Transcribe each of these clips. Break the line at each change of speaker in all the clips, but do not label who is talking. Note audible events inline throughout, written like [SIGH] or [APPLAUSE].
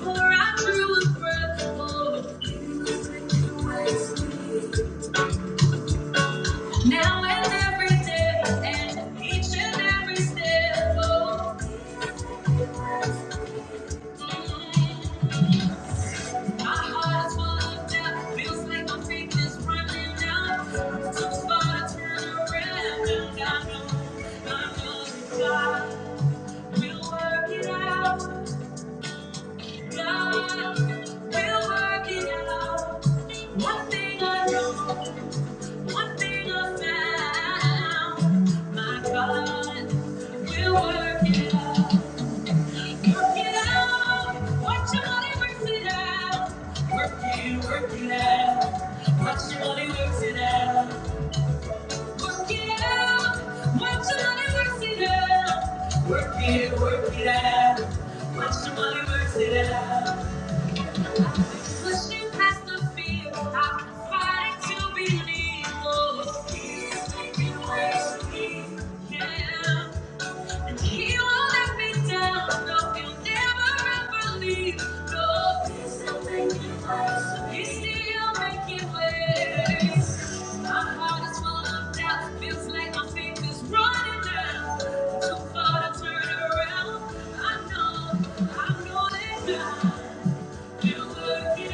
For I drew a Now and every day, and each and every step. Oh, mm, my heart is full of doubt. Feels like my faith is running out. Too far to turn around, and I know, I know that God will work it out. God will work it out. One thing I know. One thing I found, my God will work it out. Work it out. Watch your money works it out. Work it, work it out. Watch your money works it out. Work it out. Watch your money works it out. Work it, work it out. Watch your money works it out. Pushing past the fear, I'm fighting to believe. Oh, he's making ways yeah. And he won't let me down. No, he'll never ever leave. No, he's still making ways. He's still making ways. My heart is full of doubt. Feels like my faith is running out. Too far to turn around. I know, I know that God. We'll work it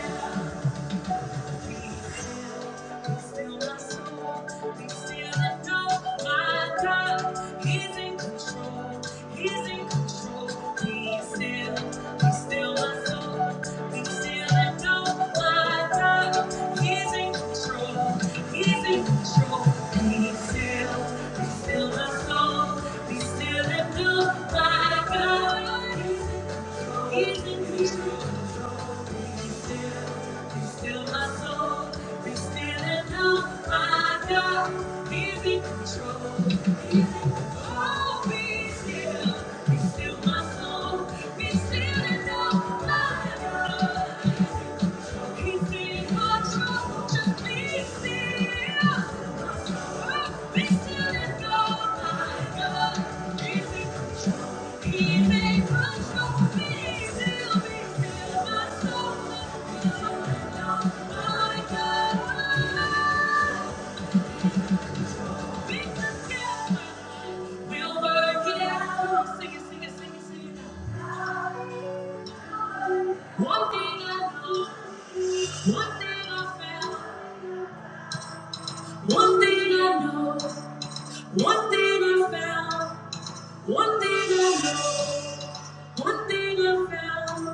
out. Be still and know my God. He's Still my soul, He's still and know my God. Oh my God. We'll work it out. Sing it, sing it, sing it, sing it. One thing I know. One thing I found, one thing I know, one thing I found, one thing I know, one thing I found, one thing I know,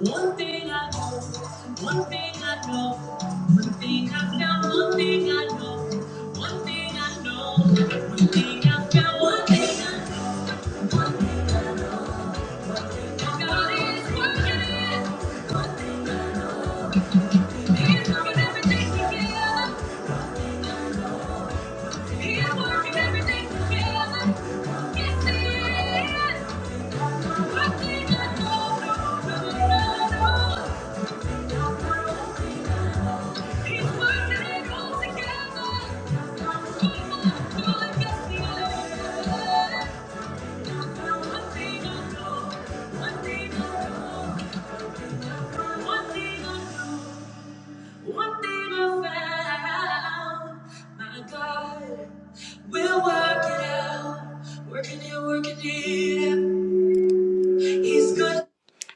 one thing I know, one thing I found, one thing I know, one thing I know, one thing I found, one thing I know. One thing Thank you.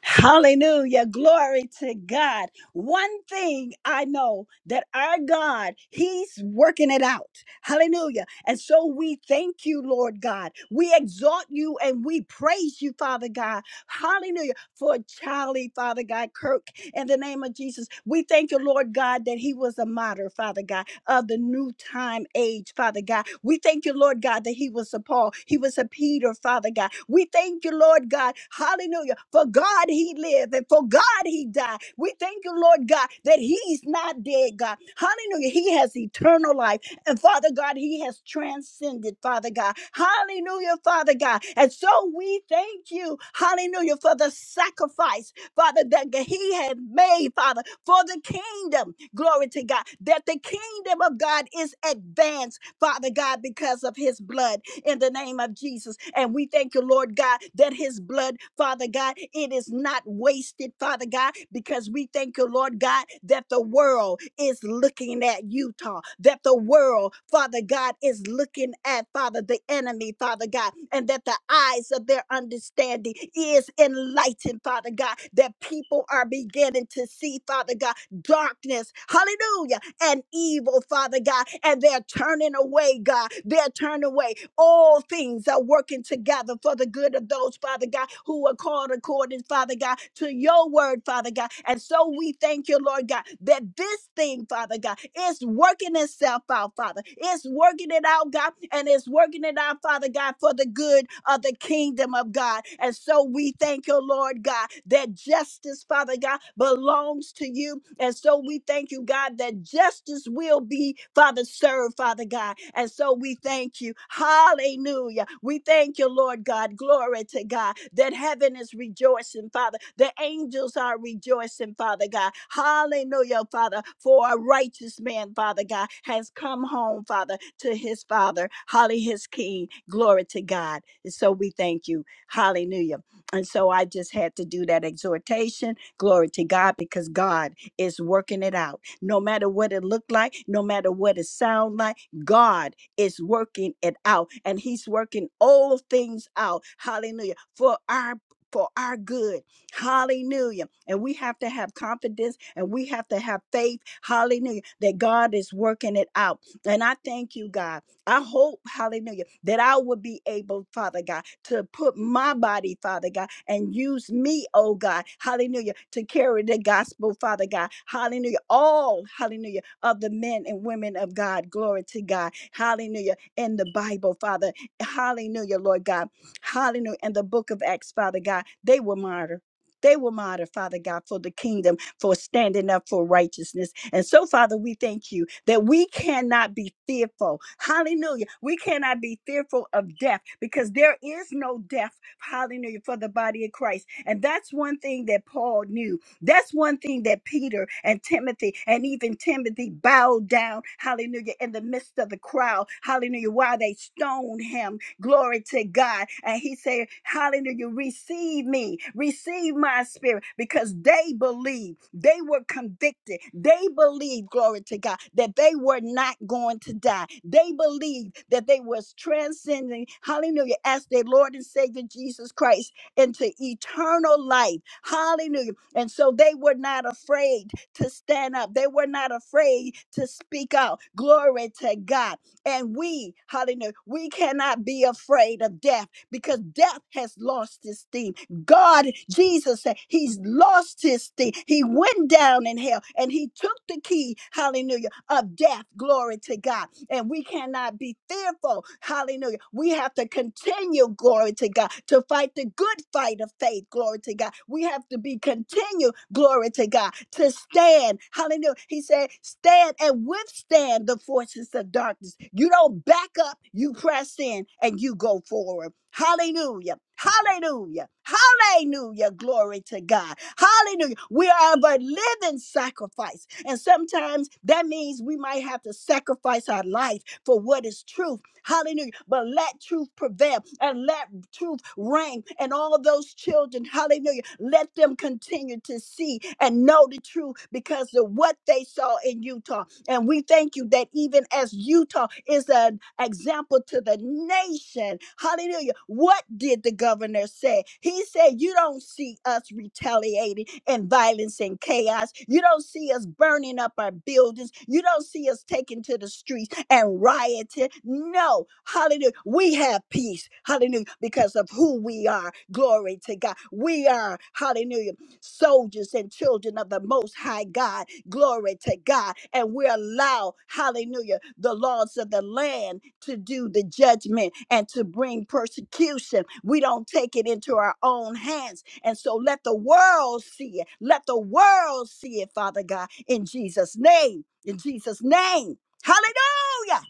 Hallelujah. Glory to God. One thing I know that our God, He's working it out. Hallelujah. And so we thank you, Lord God. We exalt you and we praise you, Father God. Hallelujah. For Charlie, Father God, Kirk in the name of Jesus. We thank you, Lord God, that he was a martyr, Father God, of the new time age, Father God. We thank you, Lord God, that he was a Paul, he was a Peter, Father God. We thank you, Lord God, hallelujah. For God he lived and for God he died. We thank you, Lord God, that he's not dead, God. Hallelujah. He has eternal life. And Father God, He has transcended, Father God. Hallelujah, Father God. And so we thank you, hallelujah, for the sacrifice. Father, that he had made, Father, for the kingdom. Glory to God. That the kingdom of God is advanced, Father God, because of his blood in the name of Jesus. And we thank you, Lord God, that his blood, Father God, it is not wasted, Father God, because we thank you, Lord God, that the world is looking at Utah, that the world, Father God, is looking at, Father, the enemy, Father God, and that the eyes of their understanding is enlightened, Father God, that people are beginning to see, Father God, darkness, hallelujah, and evil, Father God. And they're turning away, God. They're turning away. All things are working together for the good of those, Father God, who are called according, Father God, to your word, Father God. And so we thank you, Lord God, that this thing, Father God, is working itself out, Father. It's working it out, God, and it's working it out, Father God, for the good of the kingdom of God. And so we thank you, Lord God, that that justice, Father God, belongs to you. And so we thank you, God, that justice will be, Father, served, Father God. And so we thank you. Hallelujah. We thank you, Lord God. Glory to God that heaven is rejoicing, Father. The angels are rejoicing, Father God. Hallelujah, Father, for a righteous man, Father God, has come home, Father, to his Father. Holly, his King. Glory to God. And so we thank you. Hallelujah. And so I just had to do that exhortation. Glory to God, because God is working it out. No matter what it looked like, no matter what it sound like, God is working it out. And He's working all things out. Hallelujah. For our for our good. Hallelujah. And we have to have confidence and we have to have faith. Hallelujah. That God is working it out. And I thank you, God. I hope, hallelujah, that I will be able, Father God, to put my body, Father God, and use me, oh God, hallelujah, to carry the gospel, Father God, hallelujah, all, hallelujah, of the men and women of God, glory to God, hallelujah, in the Bible, Father, hallelujah, Lord God, hallelujah, in the book of Acts, Father God, they were martyred. They were martyred, Father God, for the kingdom, for standing up for righteousness. And so, Father, we thank you that we cannot be fearful. Hallelujah. We cannot be fearful of death because there is no death, hallelujah, for the body of Christ. And that's one thing that Paul knew. That's one thing that Peter and Timothy and even Timothy bowed down, hallelujah, in the midst of the crowd, hallelujah, while they stoned him, Glory to God. And he said, Hallelujah, receive me, receive my spirit, because they believed, they were convicted, they believed, glory to God, that they were not going to die. They believed that they was transcending, hallelujah, as their Lord and Savior Jesus Christ into eternal life. Hallelujah. And so they were not afraid to stand up. They were not afraid to speak out. Glory to God and we, hallelujah, we cannot be afraid of death because death has lost his sting. God, Jesus said, He's lost his sting. He went down in hell and he took the key, hallelujah, of death. Glory to God and we cannot be fearful. Hallelujah. We have to continue, glory to God, to fight the good fight of faith, glory to God. We have to be continued glory to God, to stand. Hallelujah. He said, stand and withstand the forces of darkness. You don't back up, you press in and you go forward. Hallelujah. Hallelujah. Hallelujah. Glory to God. Hallelujah. We are of a living sacrifice. And sometimes that means we might have to sacrifice our life for what is truth. Hallelujah. But let truth prevail and let truth reign. And all those children, hallelujah, let them continue to see and know the truth because of what they saw in Utah. And we thank you that even as Utah is an example to the nation, hallelujah. What did the governor say? He said, You don't see us retaliating and violence and chaos. You don't see us burning up our buildings. You don't see us taking to the streets and rioting. No, hallelujah. We have peace, hallelujah, because of who we are. Glory to God. We are, hallelujah, soldiers and children of the Most High God Glory to God. And we allow, hallelujah, the laws of the land to do the judgment and to bring persecution. We don't take it into our own hands. And so let the world see it. Let the world see it, Father God, in Jesus' name. In Jesus' name. Hallelujah.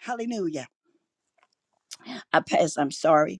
Hallelujah. I pass. I'm sorry.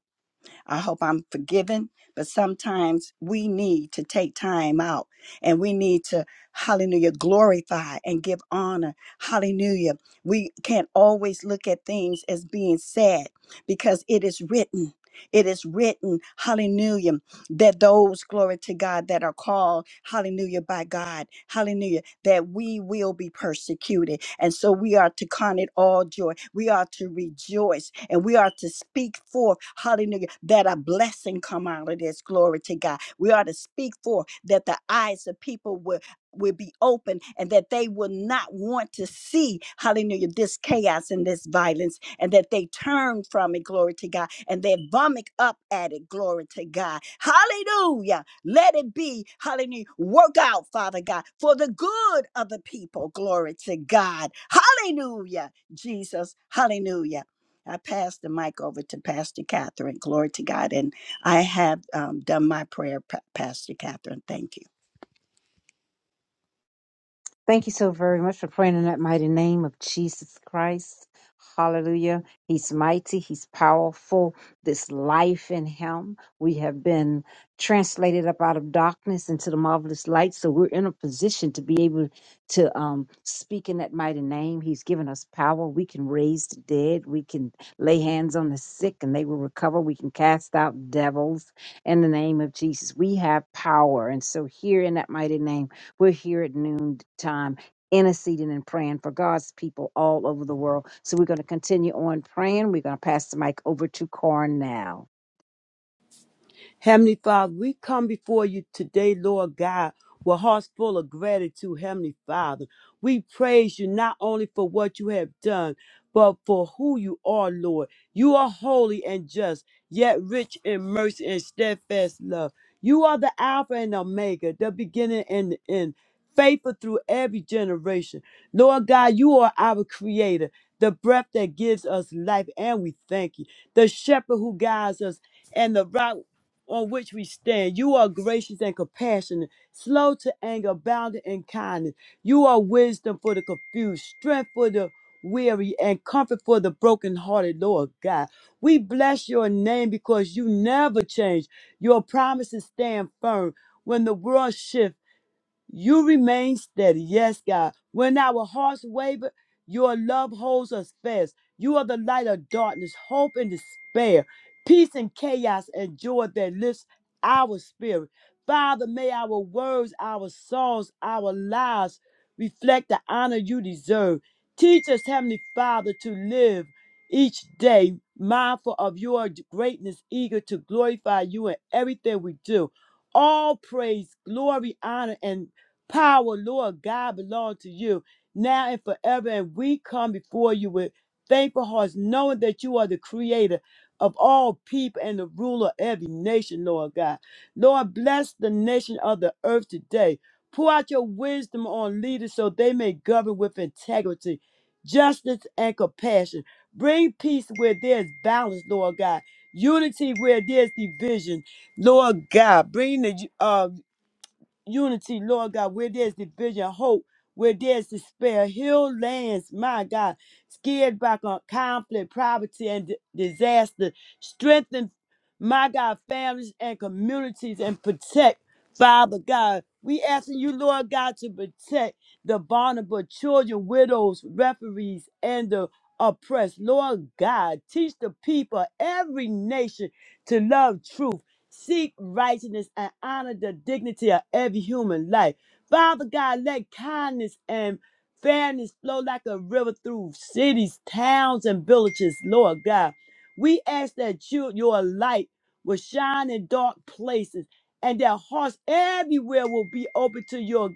I hope I'm forgiven. But sometimes we need to take time out and we need to, hallelujah, glorify and give honor. Hallelujah. We can't always look at things as being sad because it is written. It is written, hallelujah, that those, glory to God, that are called, hallelujah, by God, hallelujah that we will be persecuted. And so we are to count it all joy. We are to rejoice and we are to speak forth, hallelujah, that a blessing come out of this. Glory to God. We are to speak forth that the eyes of people will will be open and that they will not want to see hallelujah this chaos and this violence and that they turn from it glory to god and they vomit up at it glory to god hallelujah let it be, hallelujah, work out, Father God, for the good of the people. Glory to God. Hallelujah, Jesus. Hallelujah. I pass the mic over to Pastor Catherine. Glory to God. And I have um, done my prayer, Pa- Pastor Catherine. Thank you.
Thank you so very much for praying in that mighty name of Jesus Christ. Hallelujah. He's mighty. He's powerful. This life in him. We have been translated up out of darkness into the marvelous light. So we're in a position to be able to um, speak in that mighty name. He's given us power. We can raise the dead. We can lay hands on the sick and they will recover. We can cast out devils in the name of Jesus. We have power. And so here in that mighty name, we're here at noon time interceding and praying for God's people all over the world. So we're going to continue on praying. We're going to pass the mic over to Cornell.
Heavenly Father, we come before you today, Lord God, with hearts full of gratitude, Heavenly Father. We praise you not only for what you have done, but for who you are, Lord. You are holy and just, yet rich in mercy and steadfast love. You are the Alpha and Omega, the beginning and the end, faithful through every generation. Lord God, you are our creator, the breath that gives us life, and we thank you. The shepherd who guides us and the rock on which we stand. You are gracious and compassionate, slow to anger, abounding in kindness. You are wisdom for the confused, strength for the weary, and comfort for the brokenhearted, Lord God. We bless your name because you never change. Your promises stand firm. When the world shifts, you remain steady. Yes, God. When our hearts waver, your love holds us fast. You are the light of darkness, hope and despair, peace and chaos, and joy that lifts our spirit. Father, may our words, our songs, our lives reflect the honor you deserve. Teach us, Heavenly Father, to live each day mindful of your greatness, eager to glorify you in everything we do all praise, glory, honor, and power, Lord God, belong to you now and forever. And we come before you with thankful hearts, knowing that you are the creator of all people and the ruler of every nation, Lord God. Lord, bless the nation of the earth today. Pour out your wisdom on leaders so they may govern with integrity, justice, and compassion. Bring peace where there's balance, Lord God. Unity where there's division, Lord God. Bring the uh, unity, Lord God, where there's division, hope, where there's despair, heal lands, my God, scared back on conflict, poverty, and di- disaster, strengthen, my God, families and communities, and protect, Father God. We asking you, Lord God, to protect the vulnerable children, widows, referees, and the oppressed. Lord God, teach the people, every nation, to love truth seek righteousness, and honor the dignity of every human life. Father God, let kindness and fairness flow like a river through cities, towns, and villages, Lord God. We ask that you, your light will shine in dark places and that hearts everywhere will be open to your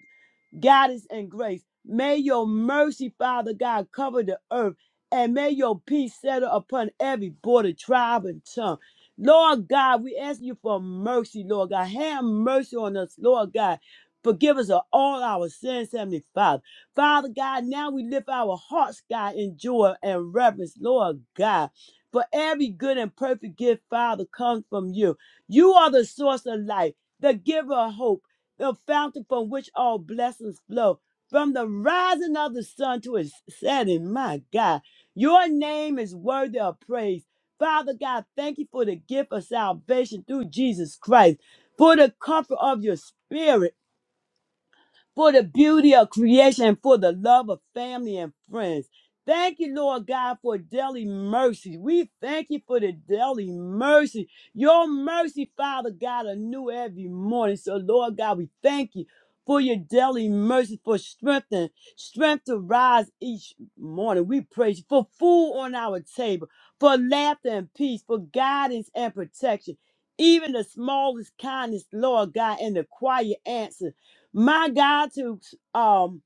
guidance, and grace. May your mercy, Father God, cover the earth, and may your peace settle upon every border, tribe, and tongue. Lord God, we ask you for mercy, Lord God. Have mercy on us, Lord God. Forgive us of all our sins, Heavenly Father. Father God, now we lift our hearts, God, in joy and reverence, Lord God. For every good and perfect gift, Father, comes from you. You are the source of life, the giver of hope the fountain from which all blessings flow, from the rising of the sun to its setting. My God, your name is worthy of praise. Father God, thank you for the gift of salvation through Jesus Christ, for the comfort of your spirit for the beauty of creation, for the love of family and friends. Thank you, Lord God, for daily mercy. We thank you for the daily mercy. Your mercy, Father God, are new every morning. So, Lord God, we thank you for your daily mercy, for strength and strength to rise each morning. We praise you for food on our table, for laughter and peace, for guidance and protection. Even the smallest kindness, Lord God, and the quiet answer my God, to um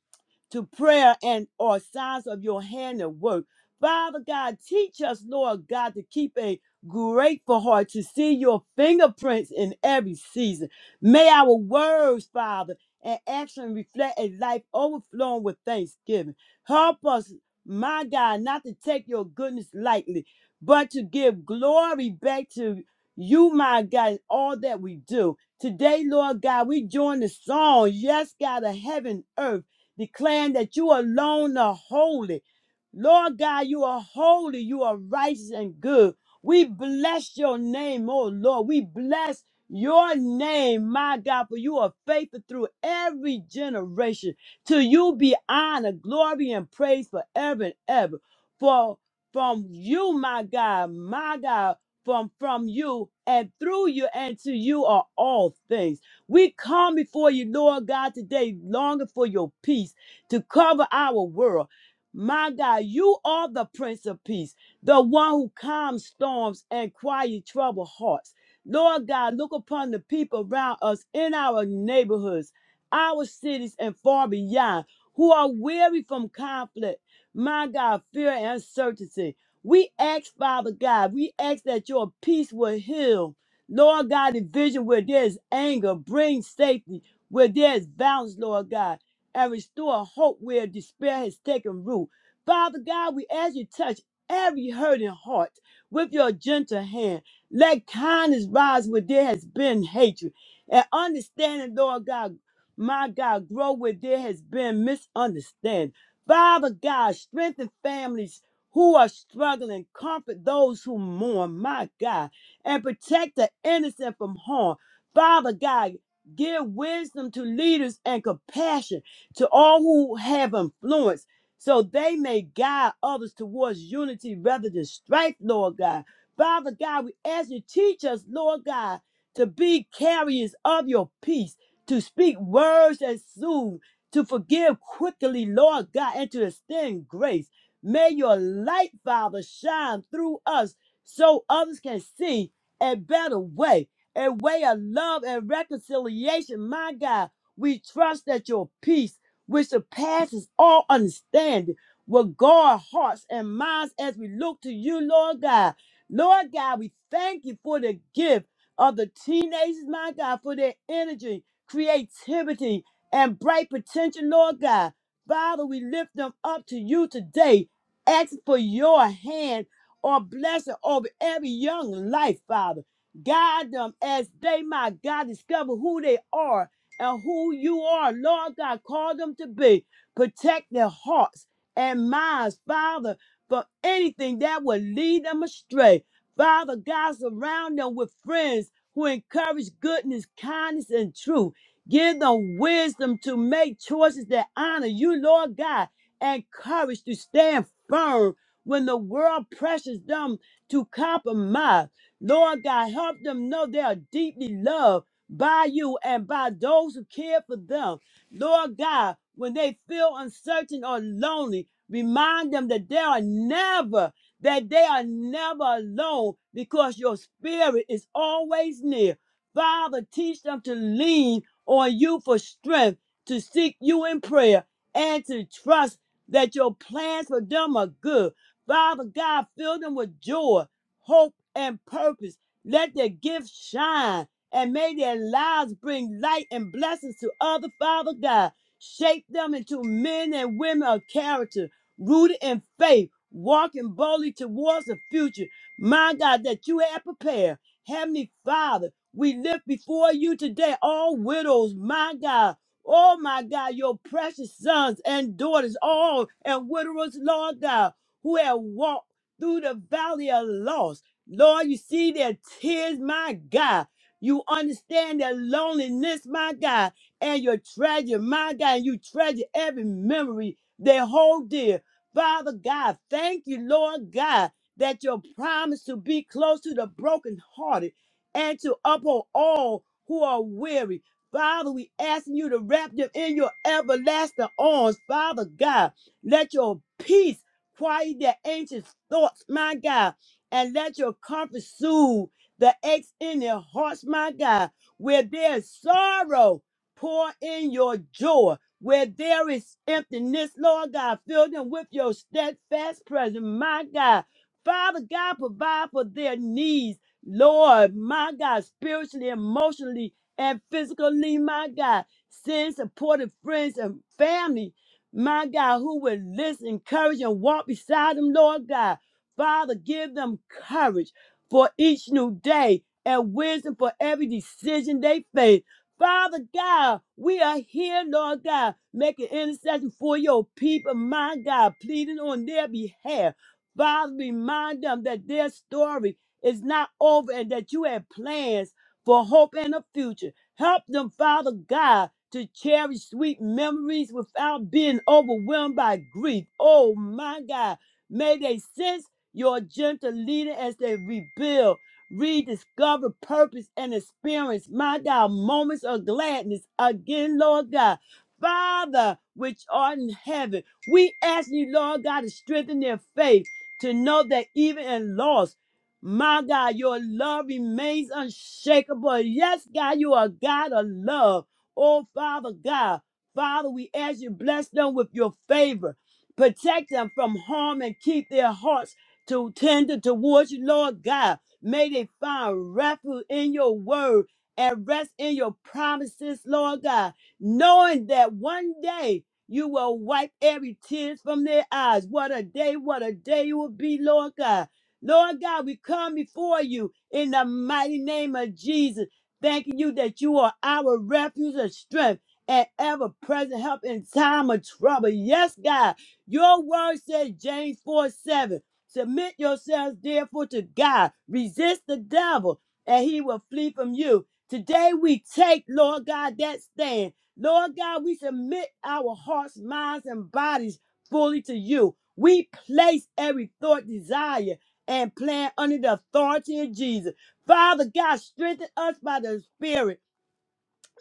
to prayer and or signs of your hand and work. Father God, teach us, Lord God, to keep a grateful heart to see your fingerprints in every season. May our words, Father, and action reflect a life overflowing with thanksgiving. Help us, my God, not to take your goodness lightly, but to give glory back to you, my God, in all that we do. Today, Lord God, we join the song, Yes, God of Heaven, Earth declaring that you alone are holy. Lord God, you are holy, you are righteous and good. We bless your name, oh Lord. We bless your name, my God, for you are faithful through every generation. To you be honor, glory, and praise forever and ever. For from you, my God, my God, from from you and through you and to you are all things. We come before you, Lord God, today, longing for your peace to cover our world. My God, you are the Prince of Peace, the one who calms storms and quiet troubled hearts. Lord God, look upon the people around us in our neighborhoods, our cities, and far beyond who are weary from conflict, my God, fear and uncertainty. We ask, Father God, we ask that your peace will heal Lord God, division where there's anger, bring safety where there's balance, Lord God, and restore hope where despair has taken root. Father God, we ask you to touch every hurting heart with your gentle hand. Let kindness rise where there has been hatred. And understanding, Lord God, my God, grow where there has been misunderstanding. Father God, strengthen families who are struggling, comfort those who mourn, my God and protect the innocent from harm. Father God, give wisdom to leaders and compassion to all who have influence so they may guide others towards unity rather than strife, Lord God. Father God, we ask you to teach us, Lord God, to be carriers of your peace, to speak words that soothe, to forgive quickly, Lord God, and to extend grace. May your light, Father, shine through us so others can see a better way, a way of love and reconciliation. My God, we trust that your peace, which surpasses all understanding, will guard hearts and minds as we look to you, Lord God. Lord God, we thank you for the gift of the teenagers, my God, for their energy, creativity, and bright potential, Lord God. Father, we lift them up to you today. asking for your hand or blessing over every young life, Father. Guide them as they, my God, discover who they are and who you are, Lord God. Call them to be. Protect their hearts and minds, Father, from anything that will lead them astray. Father God, surround them with friends who encourage goodness, kindness, and truth. Give them wisdom to make choices that honor you, Lord God, and courage to stand firm when the world pressures them to compromise. Lord God, help them know they are deeply loved by you and by those who care for them. Lord God, when they feel uncertain or lonely, remind them that they are never, that they are never alone because your spirit is always near. Father, teach them to lean on you for strength, to seek you in prayer, and to trust that your plans for them are good. Father God, fill them with joy, hope, and purpose. Let their gifts shine and may their lives bring light and blessings to others. Father God. Shape them into men and women of character, rooted in faith, walking boldly towards the future. My God, that you have prepared. Heavenly Father, we lift before you today all widows, my God. Oh, my God, your precious sons and daughters, all and widowers, Lord God who have walked through the valley of loss. Lord, you see their tears, my God. You understand their loneliness, my God, and your treasure, my God. You treasure every memory they hold dear. Father God, thank you, Lord God, that your promise to be close to the brokenhearted and to uphold all who are weary. Father, we asking you to wrap them in your everlasting arms. Father God, let your peace Quiet their anxious thoughts, my God, and let your comfort soothe the aches in their hearts, my God. Where there is sorrow, pour in your joy. Where there is emptiness, Lord God, fill them with your steadfast presence, my God. Father God, provide for their needs, Lord, my God, spiritually, emotionally, and physically, my God. Send supportive friends and family my God, who will listen, encourage, and walk beside them, Lord God. Father, give them courage for each new day and wisdom for every decision they face. Father God, we are here, Lord God, making intercession for your people, my God, pleading on their behalf. Father, remind them that their story is not over and that you have plans for hope and a future. Help them, Father God, to cherish sweet memories without being overwhelmed by grief. Oh, my God. May they sense your gentle leading as they rebuild, rediscover purpose, and experience, my God, moments of gladness again, Lord God. Father, which art in heaven, we ask you, Lord God, to strengthen their faith, to know that even in loss, my God, your love remains unshakable. Yes, God, you are God of love. Oh, Father God, Father, we ask you bless them with your favor. Protect them from harm and keep their hearts to tender towards you, Lord God. May they find refuge in your word and rest in your promises, Lord God, knowing that one day you will wipe every tear from their eyes. What a day, what a day it will be, Lord God. Lord God, we come before you in the mighty name of Jesus, thanking you that you are our refuge and strength and ever present help in time of trouble. Yes, God, your word says, James 4 7, submit yourselves therefore to God, resist the devil, and he will flee from you. Today we take, Lord God, that stand. Lord God, we submit our hearts, minds, and bodies fully to you. We place every thought, desire, and plan under the authority of Jesus. Father God, strengthen us by the Spirit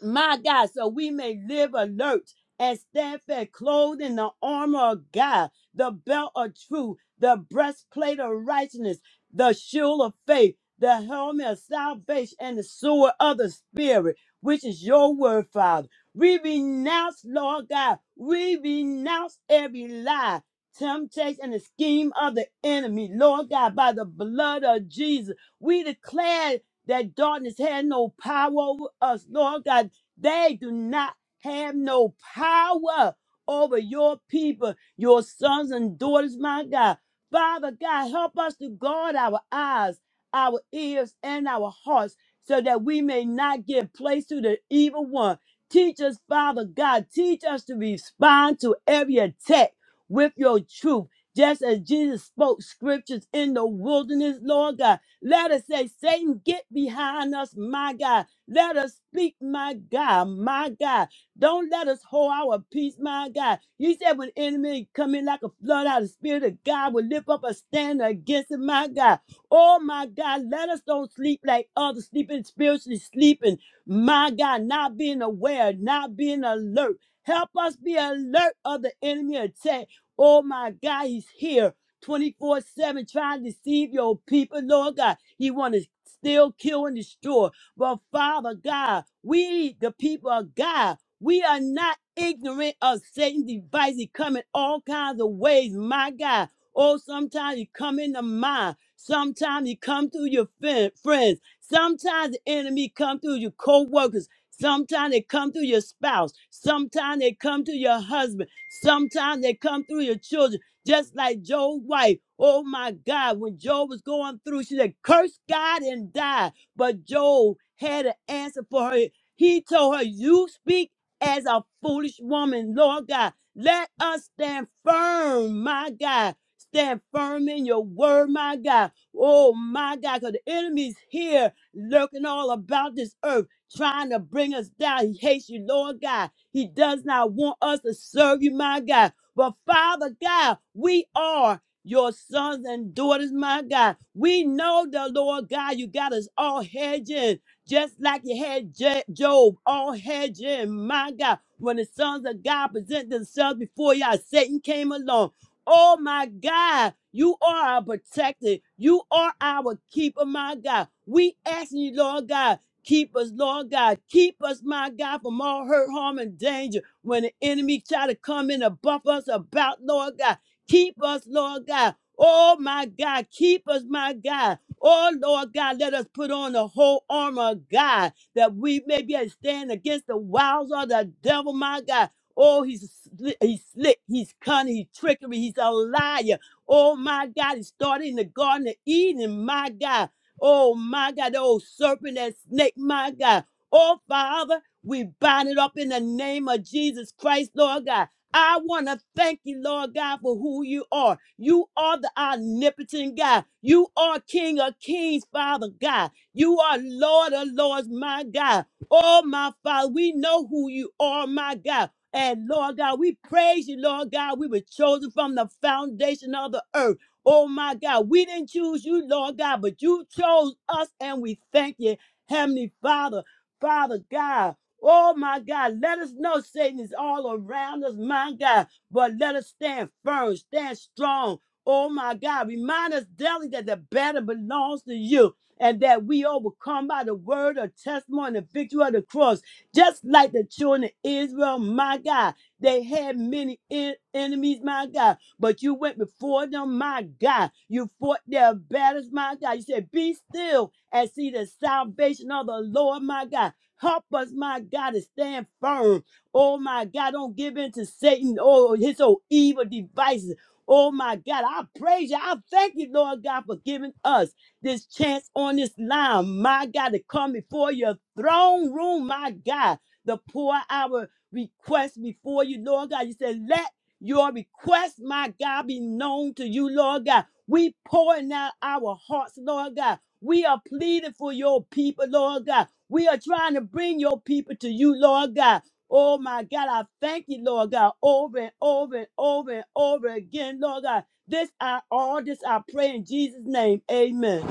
my God, so we may live alert and stand fast, clothed in the armor of God, the belt of truth, the breastplate of righteousness, the shield of faith, the helmet of salvation, and the sword of the Spirit, which is your word, Father. We renounce, Lord God, we renounce every lie. Temptation and the scheme of the enemy, Lord God, by the blood of Jesus, we declare that darkness had no power over us, Lord God they do not have no power over your people, your sons and daughters, my God. Father God, help us to guard our eyes, our ears, and our hearts so that we may not give place to the evil one. Teach us, Father God, teach us to respond to every attack with your truth. Just as Jesus spoke scriptures in the wilderness, Lord God, let us say, Satan, get behind us, my God. Let us speak, my God, my God. Don't let us hold our peace, my God. You said when enemy come in like a flood, out the spirit of God will lift up a stand against it, my God. Oh my God, let us don't sleep like others sleeping, spiritually sleeping. My God, not being aware, not being alert. Help us be alert of the enemy attack. Oh my God, he's here 24-7 trying to deceive your people, Lord God. He want to steal, kill, and destroy. But Father God, we, the people of God, we are not ignorant of Satan's devices coming all kinds of ways, my God. Oh, sometimes he come in the mind. Sometimes he come through your fin- friends. Sometimes the enemy come through your co-workers. Sometimes they come through your spouse. Sometimes they come through your husband. Sometimes they come through your children. Just like Job's wife. Oh my God, when Job was going through, she said, curse God and die. But Job had an answer for her. He told her, You speak as a foolish woman, Lord God. Let us stand firm, my God. Stand firm in your word, my God. Oh, my God, because the enemy's here lurking all about this earth, trying to bring us down. He hates you, Lord God. He does not want us to serve you, my God. But Father God, we are your sons and daughters, my God. We know the Lord God, you got us all hedging, just like you had Je- Job, all hedging, my God. When the sons of God present themselves before y'all, Satan came along. Oh my God, you are our protector. You are our keeper, my God. We asking you, Lord God, keep us, Lord God. Keep us, my God, from all hurt, harm, and danger. When the enemy try to come in and buff us about, Lord God. Keep us, Lord God. Oh my God, keep us, my God. Oh Lord God, let us put on the whole armor of God that we may be able to stand against the wiles of the devil, my God. Oh, he's slick, he's slick, he's cunning, he's trickery, he's a liar. Oh my God, he started in the Garden of Eden, my God. Oh my God, the old serpent, that snake, my God. Oh Father, we bind it up in the name of Jesus Christ, Lord God. I want to thank you, Lord God, for who you are. You are the omnipotent God. You are King of kings, Father God. You are Lord of lords, my God. Oh, my Father, we know who you are, my God. And Lord God, we praise you, Lord God. We were chosen from the foundation of the earth. Oh, my God. We didn't choose you, Lord God, but you chose us, and we thank you, Heavenly Father, Father God. Oh my God, let us know Satan is all around us, my God, but let us stand firm, stand strong. Oh my God, remind us daily that the battle belongs to you and that we overcome by the word of testimony, and the victory of the cross. Just like the children of Israel, my God, they had many en- enemies, my God, but you went before them, my God. You fought their battles, my God. You said, Be still and see the salvation of the Lord, my God. Help us, my God, to stand firm. Oh, my God, don't give in to Satan or his old evil devices. Oh, my God, I praise you. I thank you, Lord God, for giving us this chance on this line, my God, to come before your throne room, my God, to pour our request before you, Lord God. You said, let your request, my God, be known to you, Lord God. We pouring out our hearts, Lord God. We are pleading for your people, Lord God. We are trying to bring your people to you, Lord God. Oh my God, I thank you, Lord God, over and over and over and over again, Lord God. This I all this I pray in Jesus' name. Amen.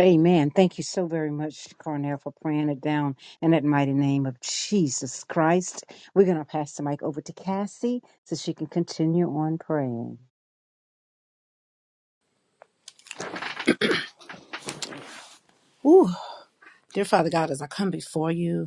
Amen. Thank you so very much, Cornell, for praying it down in that mighty name of Jesus Christ. We're going to pass the mic over to Cassie so she can continue on praying.
Ooh, dear Father God, as I come before you,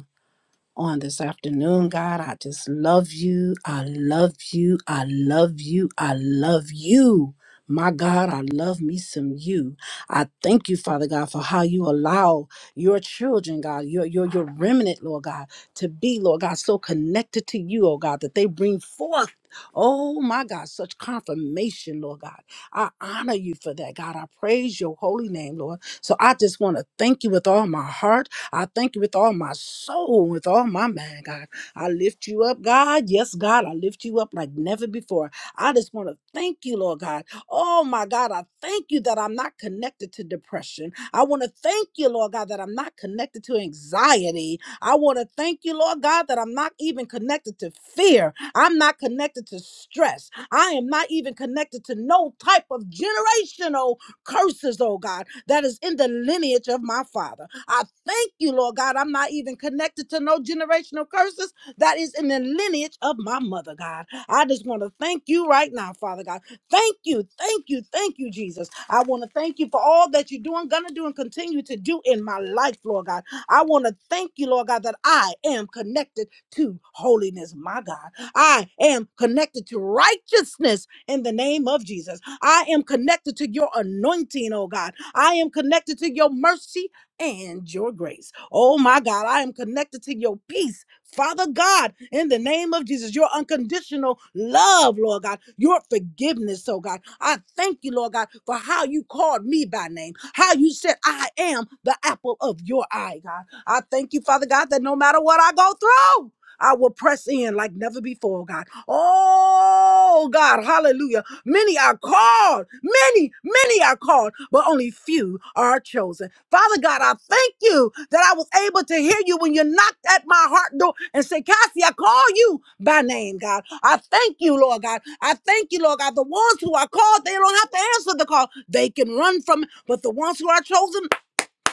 on this afternoon, God. I just love you. I love you. I love you. I love you. My God, I love me some you. I thank you, Father God, for how you allow your children, God, your, your, your remnant, Lord God, to be, Lord God, so connected to you, oh God, that they bring forth, oh my God, such confirmation, Lord God. I honor you for that, God. I praise your holy name, Lord. So I just want to thank you with all my heart. I thank you with all my soul, with all my mind, God. I lift you up, God. Yes, God, I lift you up like never before. I just want to thank you, Lord God. Oh, my God, I thank you that I'm not connected to depression. I want to thank you, Lord God, that I'm not connected to anxiety. I want to thank you, Lord God, that I'm not even connected to fear. I'm not connected to stress. I am not even connected to no type of generational curses, oh God, that is in the lineage of my father. I thank you, Lord God. I'm not even connected to no generational curses that is in the lineage of my mother, God. I just want to thank you right now, Father God. Thank you, thank you, thank you, Jesus. I want to thank you for all that you're doing, gonna do, and continue to do in my life, Lord God. I want to thank you, Lord God, that I am connected to holiness, my God. I am connected to righteousness in the name of Jesus. I am connected to your anointing, oh God. I am connected to your mercy and your grace. Oh my God, I am connected to your peace. Father God, in the name of Jesus, your unconditional love, Lord God, your forgiveness, oh God. I thank you, Lord God, for how you called me by name, how you said, I am the apple of your eye, God. I thank you, Father God, that no matter what I go through, I will press in like never before, oh God. Oh God, hallelujah. Many are called, many, many are called, but only few are chosen. Father God, I thank you that I was able to hear you when you knocked at my heart door and said, Cassie, I call you by name, God. I thank you, Lord God. I thank you, Lord God. The ones who are called, they don't have to answer the call. They can run from it, but the ones who are chosen,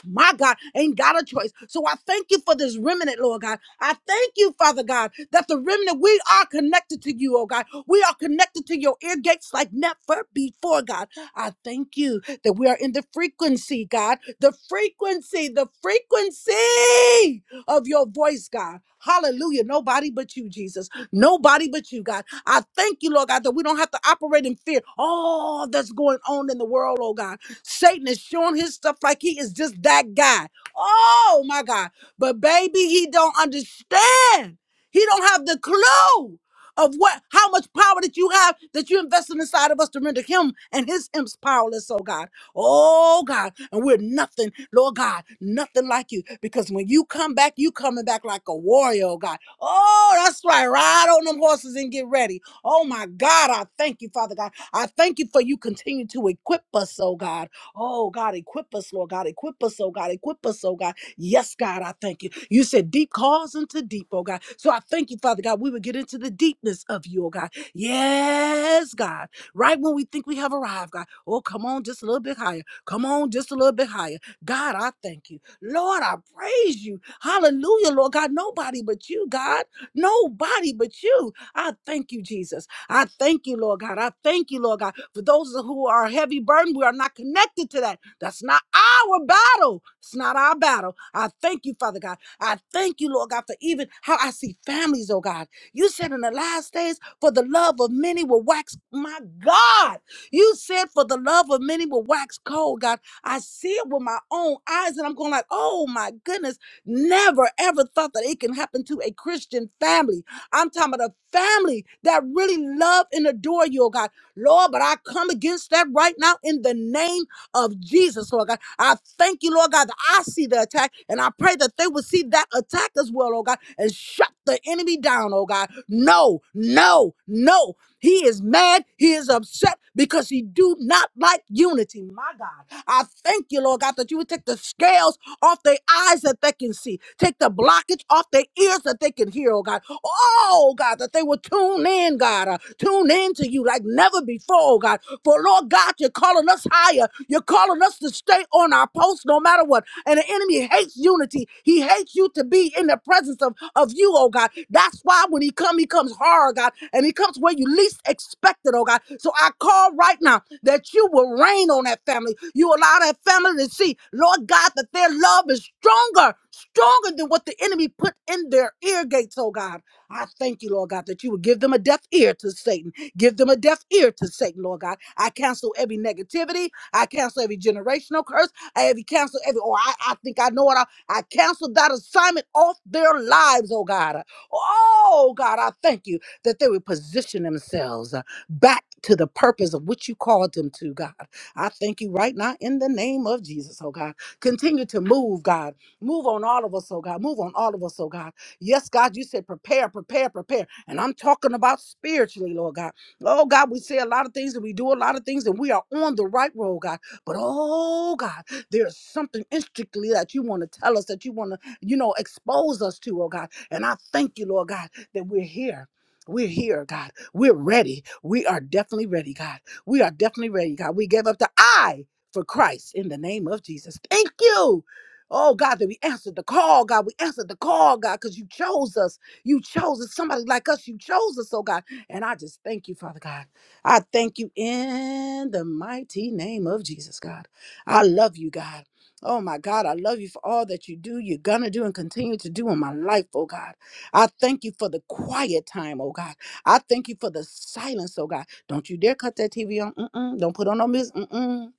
my God, ain't got a choice. So I thank you for this remnant, Lord God. I thank you, Father God, that the remnant, we are connected to you, oh God. We are connected to your ear gates like never before, God. I thank you that we are in the frequency, God. The frequency, the frequency of your voice, God. Hallelujah. Nobody but you, Jesus. Nobody but you, God. I thank you, Lord God, that we don't have to operate in fear. All that's going on in the world, oh God. Satan is showing his stuff like he is just that guy. Oh my God. But baby, he don't understand. He don't have the clue of what how much power that you have that you invested inside of us to render him and his imps powerless, oh God. Oh God. And we're nothing, Lord God, nothing like you. Because when you come back, you coming back like a warrior, oh God. Oh, that's right. Ride on them horses and get ready. Oh my God, I thank you, Father God. I thank you for you continue to equip us, oh God. Oh, God, equip us, Lord God. Equip us, oh God. Equip us, oh God. Yes, God, I thank you. You said deep calls into deep, oh God. So I thank you, Father God. We would get into the deepness of you, oh God. Yes, God. Right when we think we have arrived, God. Oh, come on, just a little bit higher. Come on, just a little bit higher. God, I thank you. Lord, I praise you. Hallelujah, Lord God. Nobody but you, God. Nobody but you. I thank you, Jesus. I thank you, Lord God. I thank you, Lord God. For those who are heavy burdened, we are not connected to that. That's not our battle. It's not our battle. I thank you, Father God. I thank you, Lord God, for even how I see families, oh God. You said in the last days, for the love of many will wax, my God. You said for the love of many will wax cold, God. I see it with my own eyes, and I'm going like, oh my goodness, never ever thought that it can happen to a Christian family I'm talking about a family that really love and adore you, oh God. Lord, but I come against that right now in the name of Jesus, Lord God. I thank you, Lord God, that I see the attack, and I pray that they will see that attack as well, oh God, and shut the enemy down, oh God. No, no, no. He is mad. He is upset because he do not like unity. My God, I thank you, Lord God, that you would take the scales off their eyes that they can see. Take the blockage off their ears that they can hear, oh God. Oh God, that they will tune in, God. uh, tune in to you like never before, oh God. For Lord God, you're calling us higher. You're calling us to stay on our post no matter what. And the enemy hates hates unity. He hates you to be in the presence of, of you, oh God. That's why when he comes, he comes hard, God, and he comes where you least expect it, oh God. So I call right now that you will rain on that family. You allow that family to see, Lord God, that their love is stronger, stronger than what the enemy put in their ear gates, oh God. I thank you, Lord God, that you would give them a deaf ear to Satan. Give them a deaf ear to Satan, Lord God. I cancel every negativity. I cancel every generational curse. I have canceled every, or I, I think I know it. I, I canceled that assignment off their lives, oh God. Oh God, I thank you that they would position themselves uh, back to the purpose of which you called them to, God. I thank you right now in the name of Jesus, oh God. Continue to move, God. Move on all of us, oh God. Move on all of us, oh God. Yes, God, you said prepare, prepare, prepare. And I'm talking about spiritually, Lord God. Oh God, we say a lot of things and we do a lot of things and we are on the right road, God. But oh God. There's something intricately that you want to tell us, that you want to, you know, expose us to, oh God. And I thank you, Lord God, that we're here. We're here, God. We're ready. We are definitely ready, God. We are definitely ready, God. We gave up the I for Christ in the name of Jesus. Thank you. Oh God, that we answered the call, God. We answered the call, God, because you chose us. You chose us. Somebody like us, you chose us, oh God. And I just thank you, Father God. I thank you in the mighty name of Jesus, God. I love you, God. Oh my God, I love you for all that you do, you're gonna do, and continue to do in my life, oh God. I thank you for the quiet time, oh God. I thank you for the silence, oh God. Don't you dare cut that TV on. Mm-mm. Don't put on no music. Mm-mm.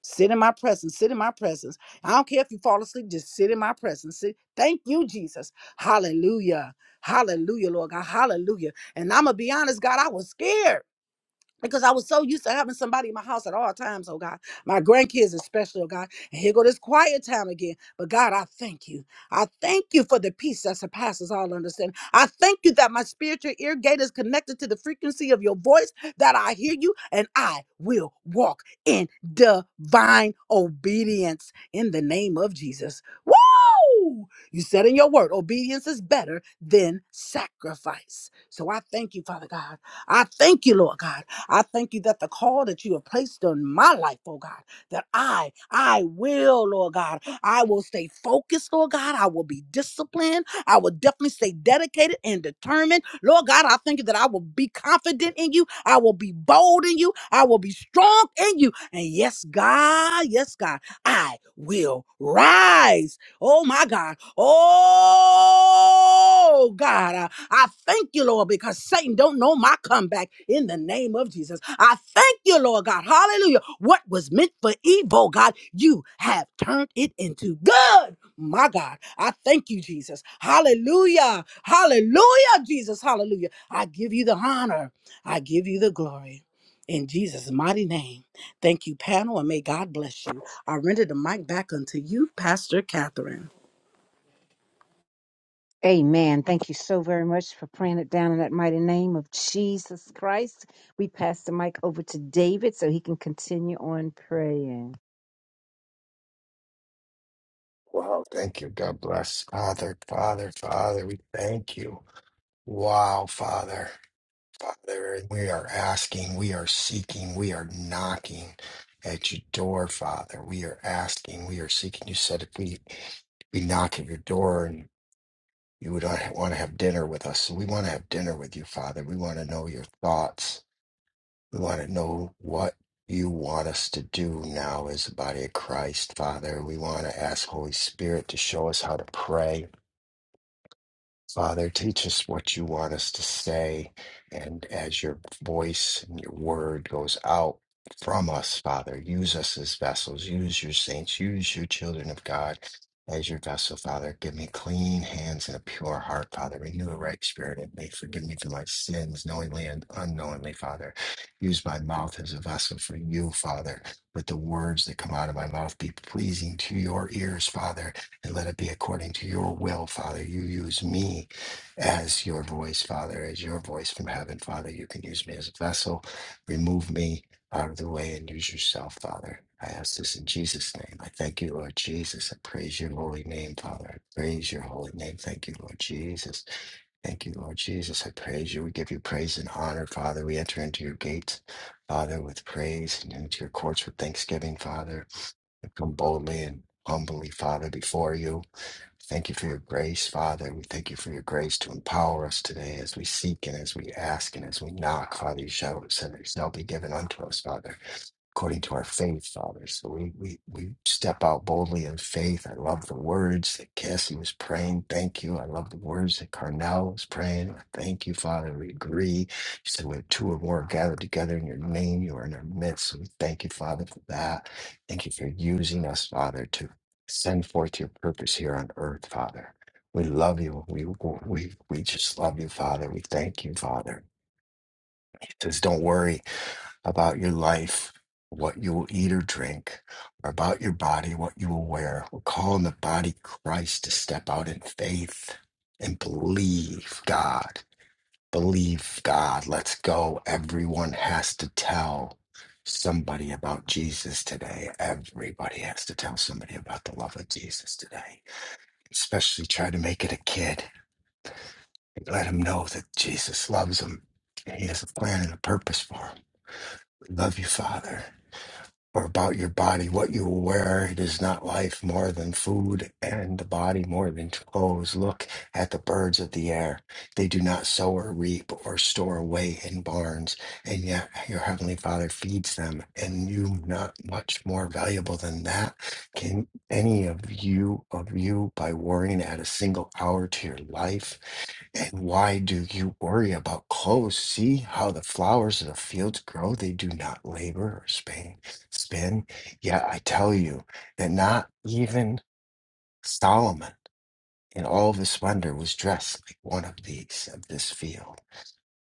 Sit in my presence. Sit in my presence. I don't care if you fall asleep, just sit in my presence. Sit. Thank you, Jesus. Hallelujah. Hallelujah, Lord God. Hallelujah. And I'm gonna be honest, God, I was scared because I was so used to having somebody in my house at all times, oh God. My grandkids especially, oh God. And here go this quiet time again. But God, I thank you. I thank you for the peace that surpasses all understanding. I thank you that my spiritual ear gate is connected to the frequency of your voice, that I hear you, and I will walk in divine obedience in the name of Jesus. Woo! You said in your word, obedience is better than sacrifice. So I thank you, Father God. I thank you, Lord God. I thank you that the call that you have placed on my life, oh God, that I, I will, Lord God, I will stay focused, Lord God. I will be disciplined. I will definitely stay dedicated and determined. Lord God, I thank you that I will be confident in you. I will be bold in you. I will be strong in you. And yes, God, yes, God, I will rise Oh my God. Oh God. I, I thank you, Lord, because Satan don't know my comeback in the name of Jesus. I thank you, Lord God. Hallelujah. What was meant for evil, God, you have turned it into good. My God, I thank you, Jesus. Hallelujah. Hallelujah, Jesus. Hallelujah. I give you the honor. I give you the glory. In Jesus' mighty name. Thank you, panel, and may God bless you. I render the mic back unto you, Pastor Catherine.
Amen. Thank you so very much for praying it down in that mighty name of Jesus Christ. We pass the mic over to David so he can continue on praying.
Wow, thank you. God bless. Father, Father, Father, we thank you. Wow, Father, Father, we are asking, we are seeking, we are knocking at your door, Father. We are asking, we are seeking. You said if we, we knock at your door and you would want to have dinner with us. So we want to have dinner with you, Father. We want to know your thoughts. We want to know what you want us to do now as the body of Christ, Father. We want to ask Holy Spirit to show us how to pray. Father, teach us what you want us to say. And as your voice and your word goes out from us, Father, use us as vessels. Use your saints. Use your children of God as your vessel, Father. Give me clean hands and a pure heart, Father. Renew a right spirit in me. Forgive me for my sins, knowingly and unknowingly, Father. Use my mouth as a vessel for you, Father. Let the words that come out of my mouth be pleasing to your ears, Father and let it be according to your will, Father. You use me as your voice, Father, as your voice from heaven, Father. You can use me as a vessel. Remove me out of the way and use yourself, Father. I ask this in Jesus' name. I thank you, Lord Jesus. I praise your holy name, Father. I praise your holy name. Thank you, Lord Jesus. Thank you, Lord Jesus. I praise you. We give you praise and honor, Father. We enter into your gates, Father, with praise and into your courts with thanksgiving, Father. I come boldly and humbly, Father, before you. Thank you for your grace, Father. We thank you for your grace to empower us today according to our faith, Father. So we, we, we step out boldly in faith. I love the words that Cassie was praying. Thank you. I love the words that Carnell was praying. Thank you, Father. We agree. You said when two or more are gathered together in your name, you are in our midst. So we thank you, Father, for that. Thank you for using us, Father, to send forth your purpose here on earth, Father. We love you. We, we, we just love you, Father. We thank you, Father. He says, don't worry about your life, what you will eat or drink, or about your body, what you will wear. We're calling the body Christ to step out in faith and believe God. Believe God. Let's go. Everyone has to tell somebody about Jesus today. Everybody has to tell somebody about the love of Jesus today. Especially try to make it a kid. Let him know that Jesus loves him. He has a plan and a purpose for him. Love you, Father. or about your body, what you wear. It is not life more than food, and the body more than clothes. Look at the birds of the air. They do not sow or reap or store away in barns, and yet your heavenly Father feeds them. And you, not much more valuable than that, can any of you of you by worrying add a single hour to your life? And why do you worry about clothes? See how the flowers of the fields grow? They do not labor or spin. spin. Yet I tell you that not even Solomon in all of his splendor was dressed like one of these of this field.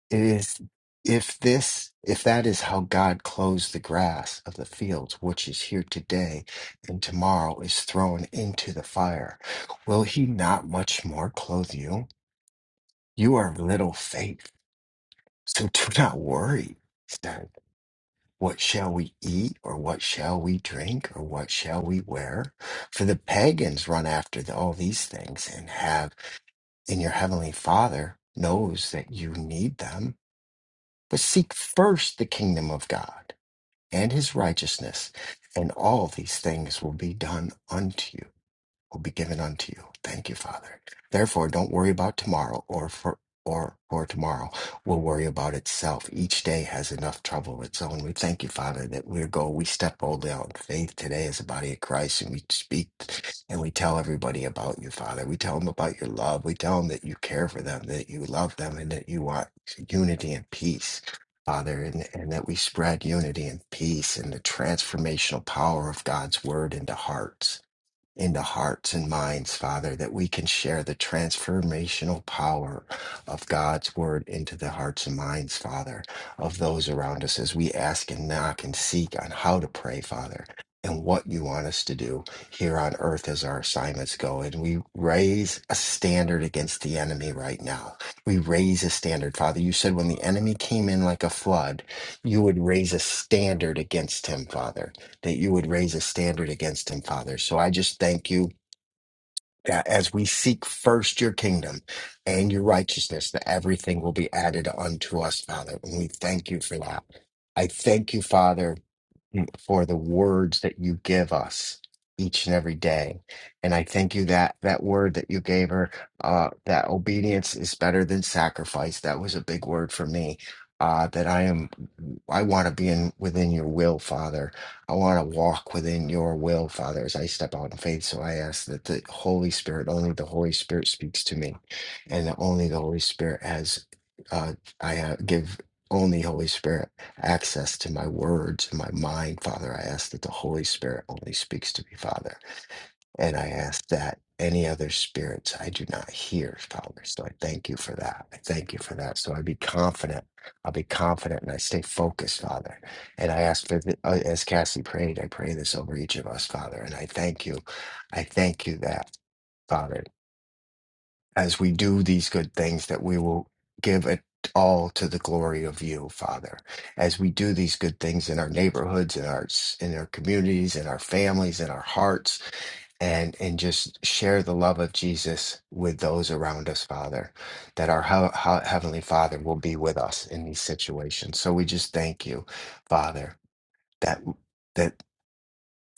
It is if this if that is how God clothes the grass of the fields, which is here today and tomorrow is thrown into the fire, will he not much more clothe you? You are of little faith. So do not worry. Said, What shall we eat, or what shall we drink, or what shall we wear? For the pagans run after the- all these things, and have, and your heavenly Father knows that you need them. But seek first the kingdom of God and his righteousness, and all these things will be done unto you will be given unto you. Thank you, Father. Therefore, don't worry about tomorrow or for or for tomorrow will worry about itself. Each day has enough trouble of its own. We thank you, Father, that we go, we step boldly out in faith today as a body of Christ, and we speak and we tell everybody about you, Father. We tell them about your love. We tell them that you care for them, that you love them, and that you want unity and peace. Father, and, and that we spread unity and peace and the transformational power of God's word into hearts into hearts and minds, Father, that we can share the transformational power of God's word into the hearts and minds, Father, of those around us as we ask and knock and seek on how to pray, Father. And what you want us to do here on earth as our assignments go. And we raise a standard against the enemy right now. We raise a standard, Father. You said when the enemy came in like a flood, you would raise a standard against him, Father that you would raise a standard against him, Father. So I just thank you that as we seek first your kingdom and your righteousness, that everything will be added unto us, Father. And we thank you for that. I thank you, Father for the words that you give us each and every day. And I thank you that that word that you gave her, uh, that obedience is better than sacrifice. That was a big word for me. Uh, that I am, I want to be in within your will, Father. I want to walk within your will, Father, as I step out in faith. So I ask that the Holy Spirit, only the Holy Spirit speaks to me, and that only the Holy Spirit has, uh, I uh, give only Holy Spirit access to my words and my mind, Father. I ask that the Holy Spirit only speaks to me, Father. And I ask that any other spirits I do not hear, Father. So I thank you for that. I thank you for that. So I be confident. I'll be confident and I stay focused, Father. And I ask for, the, uh, as Cassie prayed, I pray this over each of us, Father. And I thank you. I thank you that. Father as we do these good things, that we will give it all to the glory of you, Father. As we do these good things in our neighborhoods, in our in our communities, in our families, in our hearts, and and just share the love of Jesus with those around us, Father. That our hea- hea- heavenly Father will be with us in these situations. So we just thank you, Father, that that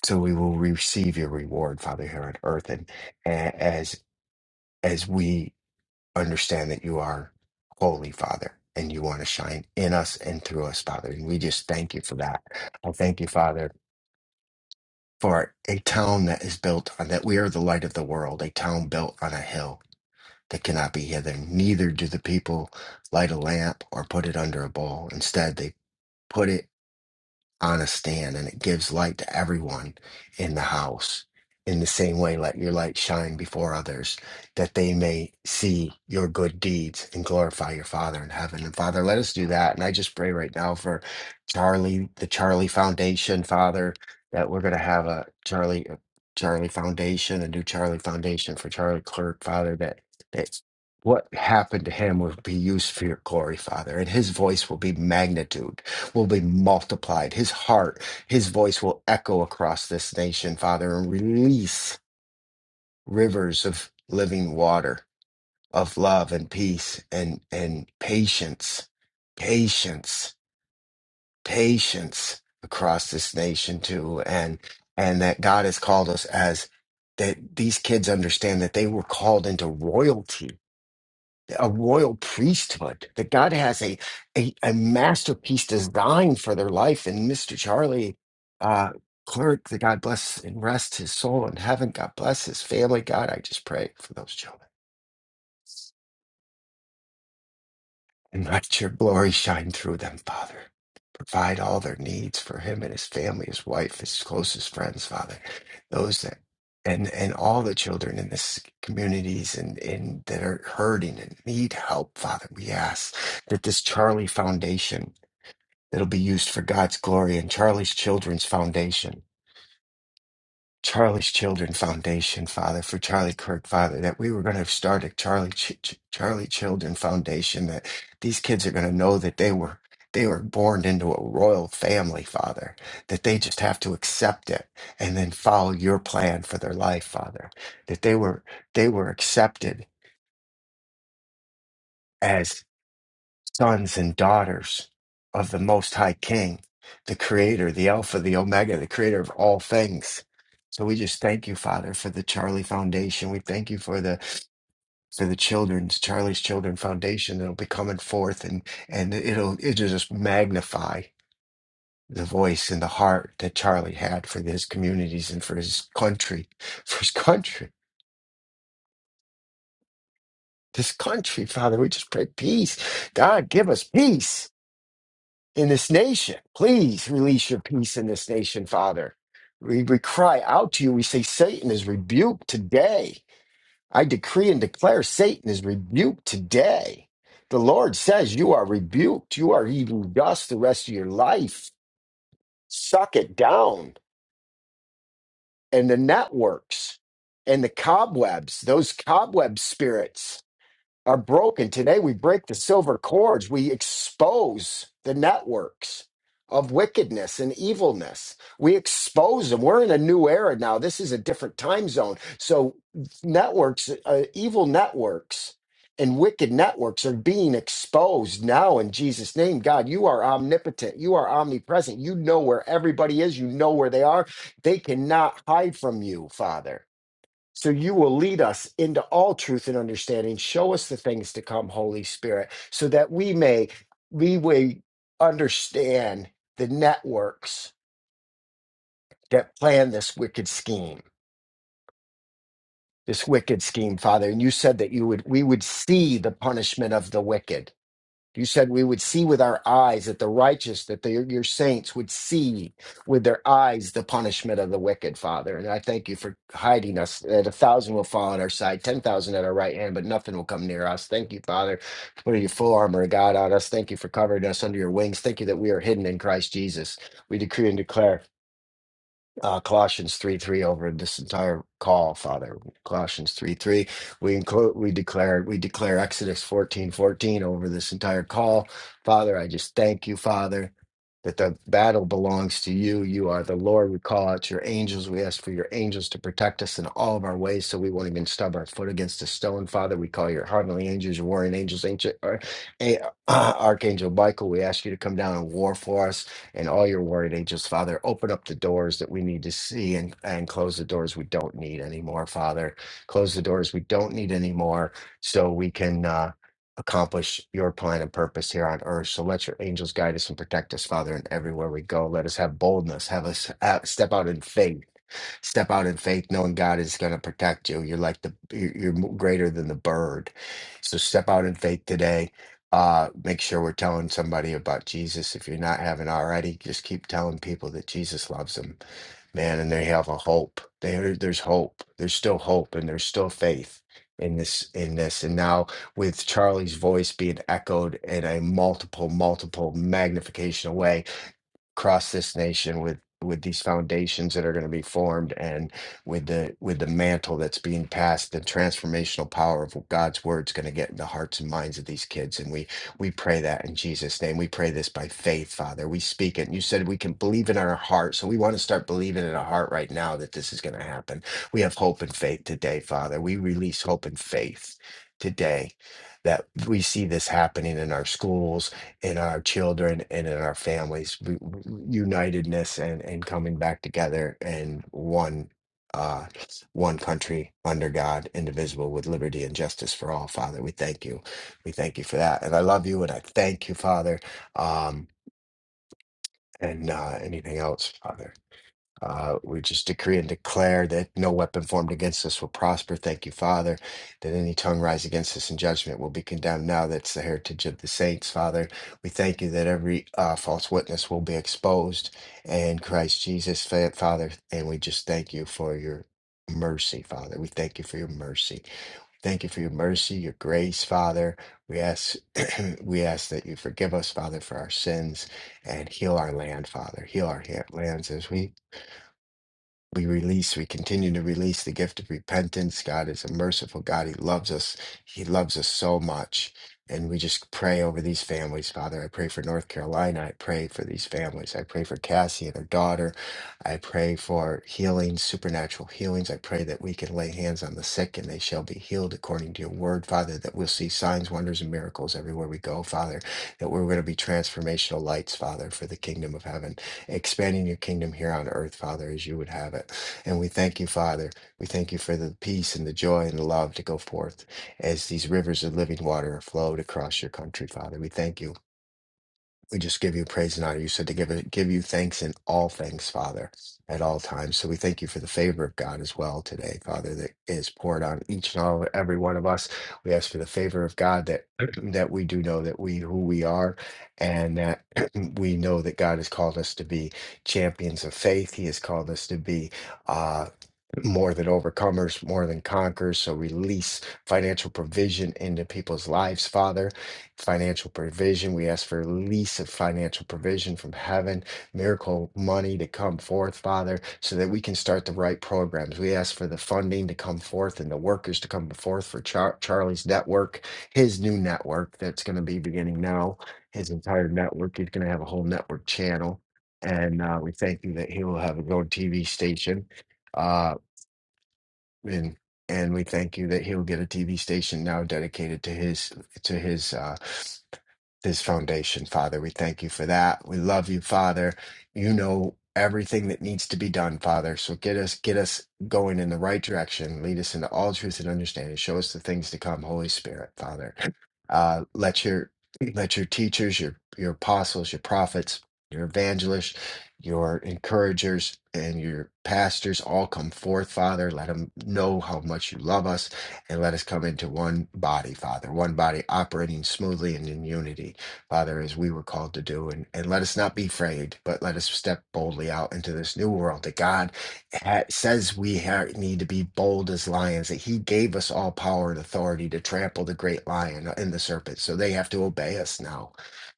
so we will receive your reward, Father, here on earth, and a- as as we understand that you are holy, Father, and you want to shine in us and through us, Father. And we just thank you for that. I thank you, Father, for a town that is built on that we are the light of the world, a town built on a hill that cannot be hidden. Neither do the people light a lamp or put it under a bowl. Instead, they put it on a stand and it gives light to everyone in the house. In the same way, let your light shine before others that they may see your good deeds and glorify your Father in heaven. And Father, let us do that. And I just pray right now for Charlie, the Charlie Foundation, Father, that we're going to have a Charlie. a Charlie Foundation, a new Charlie Foundation for Charlie Clerk, Father, that, that what happened to him will be used for your glory, Father, and his voice will be magnitude will be multiplied. His heart, his voice will echo across this nation, Father, and release rivers of living water, of love and peace and, and patience, patience, patience across this nation too. And, and that God has called us as that these kids understand that they were called into royalty a royal priesthood, that God has a, a, a masterpiece design for their life. And Mr. Charlie uh, Clerk, that God bless and rest his soul in heaven. God bless his family. God, I just pray for those children. and let your glory shine through them, Father. Provide all their needs for him and his family, his wife, his closest friends, Father. Those that and and all the children in this communities and, and that are hurting and need help, Father. We ask that this Charlie Foundation that'll be used for God's glory and Charlie's Children's Foundation Charlie's Children Foundation, Father, for Charlie Kirk, Father, that we were going to start a Charlie Ch- Ch- Charlie Children Foundation, that these kids are going to know that they were they were born into a royal family, Father, that they just have to accept it and then follow your plan for their life, Father, that they were they were accepted as sons and daughters of the Most High King, the Creator, the Alpha, the Omega, the Creator of all things. So we just thank you, Father, for the Charlie Foundation. We thank you for the for the children's Charlie's Children Foundation that'll be coming forth and and it'll it'll just magnify the voice and the heart that Charlie had for his communities and for his country, for his country, this country, Father. We just pray peace. God, give us peace in this nation. Please release your peace in this nation, Father. We, we cry out to you. We say, Satan is rebuked today. I decree and declare Satan is rebuked today. The Lord says, You are rebuked. You are eating dust the rest of your life. Suck it down. And the networks and the cobwebs, those cobweb spirits are broken. Today, we break the silver cords. We expose the networks of wickedness and evilness. We expose them. We're in a new era now. This is a different time zone. So, networks, uh, evil networks, and wicked networks are being exposed now in Jesus' name. God, you are omnipotent. You are omnipresent. You know where everybody is. You know where they are. They cannot hide from you, Father. So you will lead us into all truth and understanding. Show us the things to come, Holy Spirit, so that we may we may understand the networks that plan this wicked scheme, this wicked scheme, Father. And you said that you would we would see the punishment of the wicked. You said we would see with our eyes that the righteous, that the, your saints would see with their eyes the punishment of the wicked, Father. And I thank you for hiding us. That a thousand will fall on our side, 10,000 at our right hand, but nothing will come near us. Thank you, Father, for your full armor of God on us. Thank you for covering us under your wings. Thank you that we are hidden in Christ Jesus. We decree and declare uh, Colossians 3 3 over this entire call, Father. Colossians 3 3. We include, we declare, we declare Exodus 14 14 over this entire call. Father, I just thank you, Father, that the battle belongs to you. You are the Lord. We call out your angels. We ask for your angels to protect us in all of our ways so we won't even stub our foot against a stone, Father. We call your heavenly angels, your warring angels, ancient, or, a- uh, Archangel Michael. We ask you to come down and war for us in all your word, angels, Father, open up the doors that we need to see and, and close the doors we don't need anymore, Father. Close the doors we don't need anymore so we can uh, accomplish your plan and purpose here on earth. So let your angels guide us and protect us, Father, and everywhere we go. Let us have boldness, have us uh, step out in faith step out in faith knowing god is going to protect you you're like the you're you're mo- greater than the bird so step out in faith today uh make sure we're telling somebody about jesus if you're not having already just keep telling people that jesus loves them man and they have a hope there there's hope there's still hope and there's still faith in this in this and now with charlie's voice being echoed in a multiple multiple magnification away across this nation with with these foundations that are going to be formed and with the with the mantle that's being passed the transformational power of god's word is going to get in the hearts and minds of these kids and we we pray that in jesus name we pray this by faith father we speak it and you said we can believe in our heart so we want to start believing in our heart right now that this is going to happen we have hope and faith today father we release hope and faith today that we see this happening in our schools in our children and in our families we, w- unitedness and and coming back together and one uh one country under god indivisible with liberty and justice for all father we thank you we thank you for that and i love you and i thank you father um and uh anything else father uh, we just decree and declare that no weapon formed against us will prosper. Thank you, Father, that any tongue rise against us in judgment will be condemned. Now that's the heritage of the saints, Father. We thank you that every uh, false witness will be exposed in Christ Jesus, Fa- Father. And we just thank you for your mercy, Father. We thank you for your mercy. Thank you for your mercy, your grace, Father. We ask, [CLEARS THROAT] we ask that you forgive us, Father, for our sins and heal our land, Father. Heal our ha- lands as we we release, we continue to release the gift of repentance. God is a merciful God. He loves us. He loves us so much. And we just pray over these families, Father. I pray for North Carolina. I pray for these families. I pray for Cassie and her daughter. I pray for healings, supernatural healings. I pray that we can lay hands on the sick and they shall be healed according to your word, Father, that we'll see signs, wonders, and miracles everywhere we go, Father, that we're going to be transformational lights, Father, for the kingdom of heaven expanding your kingdom here on earth, Father, as you would have it. And we thank you, Father. We thank you for the peace and the joy and the love to go forth as these rivers of living water are flowed across your country, Father. We thank you we just give you praise and honor. You said to give it, give you thanks in all things, Father, at all times. So we thank you for the favor of God as well today, Father, that is poured on each and all every one of us. We ask for the favor of God that [CLEARS THROAT] that we do know that we who we are, and that [CLEARS THROAT] we know that God has called us to be champions of faith. He has called us to be. uh, more than overcomers, more than conquerors. So release financial provision into people's lives, Father. Financial provision. We ask for release of financial provision from heaven, miracle money to come forth, Father, so that we can start the right programs. We ask for the funding to come forth and the workers to come forth for Char- Charlie's network, his new network that's going to be beginning now. His entire network. He's going to have a whole network channel. And uh, we thank you that he will have his own TV station Uh, and and we thank you that he'll get a TV station now dedicated to his to his uh his foundation, Father. We thank you for that. We love you, Father. You know everything that needs to be done, Father. So get us get us going in the right direction. Lead us into all truth and understanding. Show us the things to come, Holy Spirit, Father. Uh, let your let your teachers, your your apostles, your prophets, your evangelists, your encouragers, and your pastors all come forth, Father. Let them know how much you love us, and let us come into one body, Father, one body operating smoothly and in unity, Father, as we were called to do. And and let us not be afraid, but let us step boldly out into this new world that God ha- says we ha- need to be bold as lions, that he gave us all power and authority to trample the great lion and the serpent. So they have to obey us now.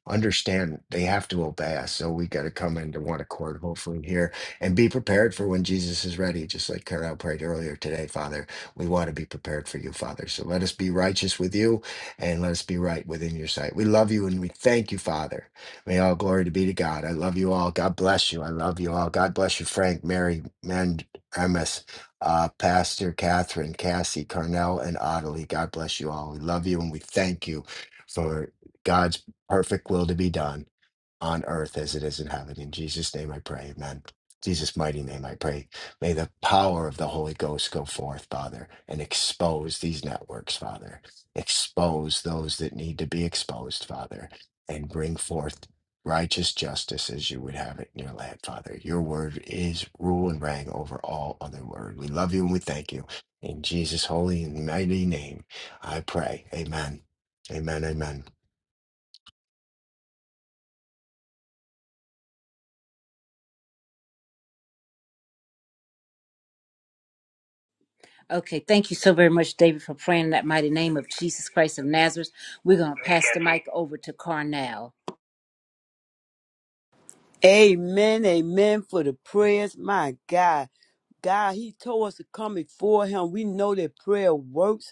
Understand they have to obey us. So we got to come into one accord, hopefully, here and be prepared for when Jesus is ready, just like Carol prayed earlier today, Father. We want to be prepared for you, Father. So let us be righteous with you and let us be right within your sight. We love you and we thank you, Father. May all glory to be to God. I love you all. God bless you. I love you all. God bless you, Frank, Mary, Mend, Emis, uh, Pastor Catherine, Cassie, Carnell, and Ottilie. God bless you all. We love you and we thank you for God's perfect will to be done on earth as it is in heaven. In Jesus' name I pray, amen. Jesus' mighty name I pray. May the power of the Holy Ghost go forth, Father, and expose these networks, Father. Expose those that need to be exposed, Father, and bring forth righteous justice as you would have it in your land, Father. Your word is rule and reign over all other word. We love you and we thank you. In Jesus' holy and mighty name, I pray. Amen. Amen. Amen.
Okay, thank you so very much, David, for praying in that mighty name of Jesus Christ of Nazareth. We're going to pass the mic over to Carnell.
Amen. Amen for the prayers. My God. God, He told us to come before Him. We know that prayer works.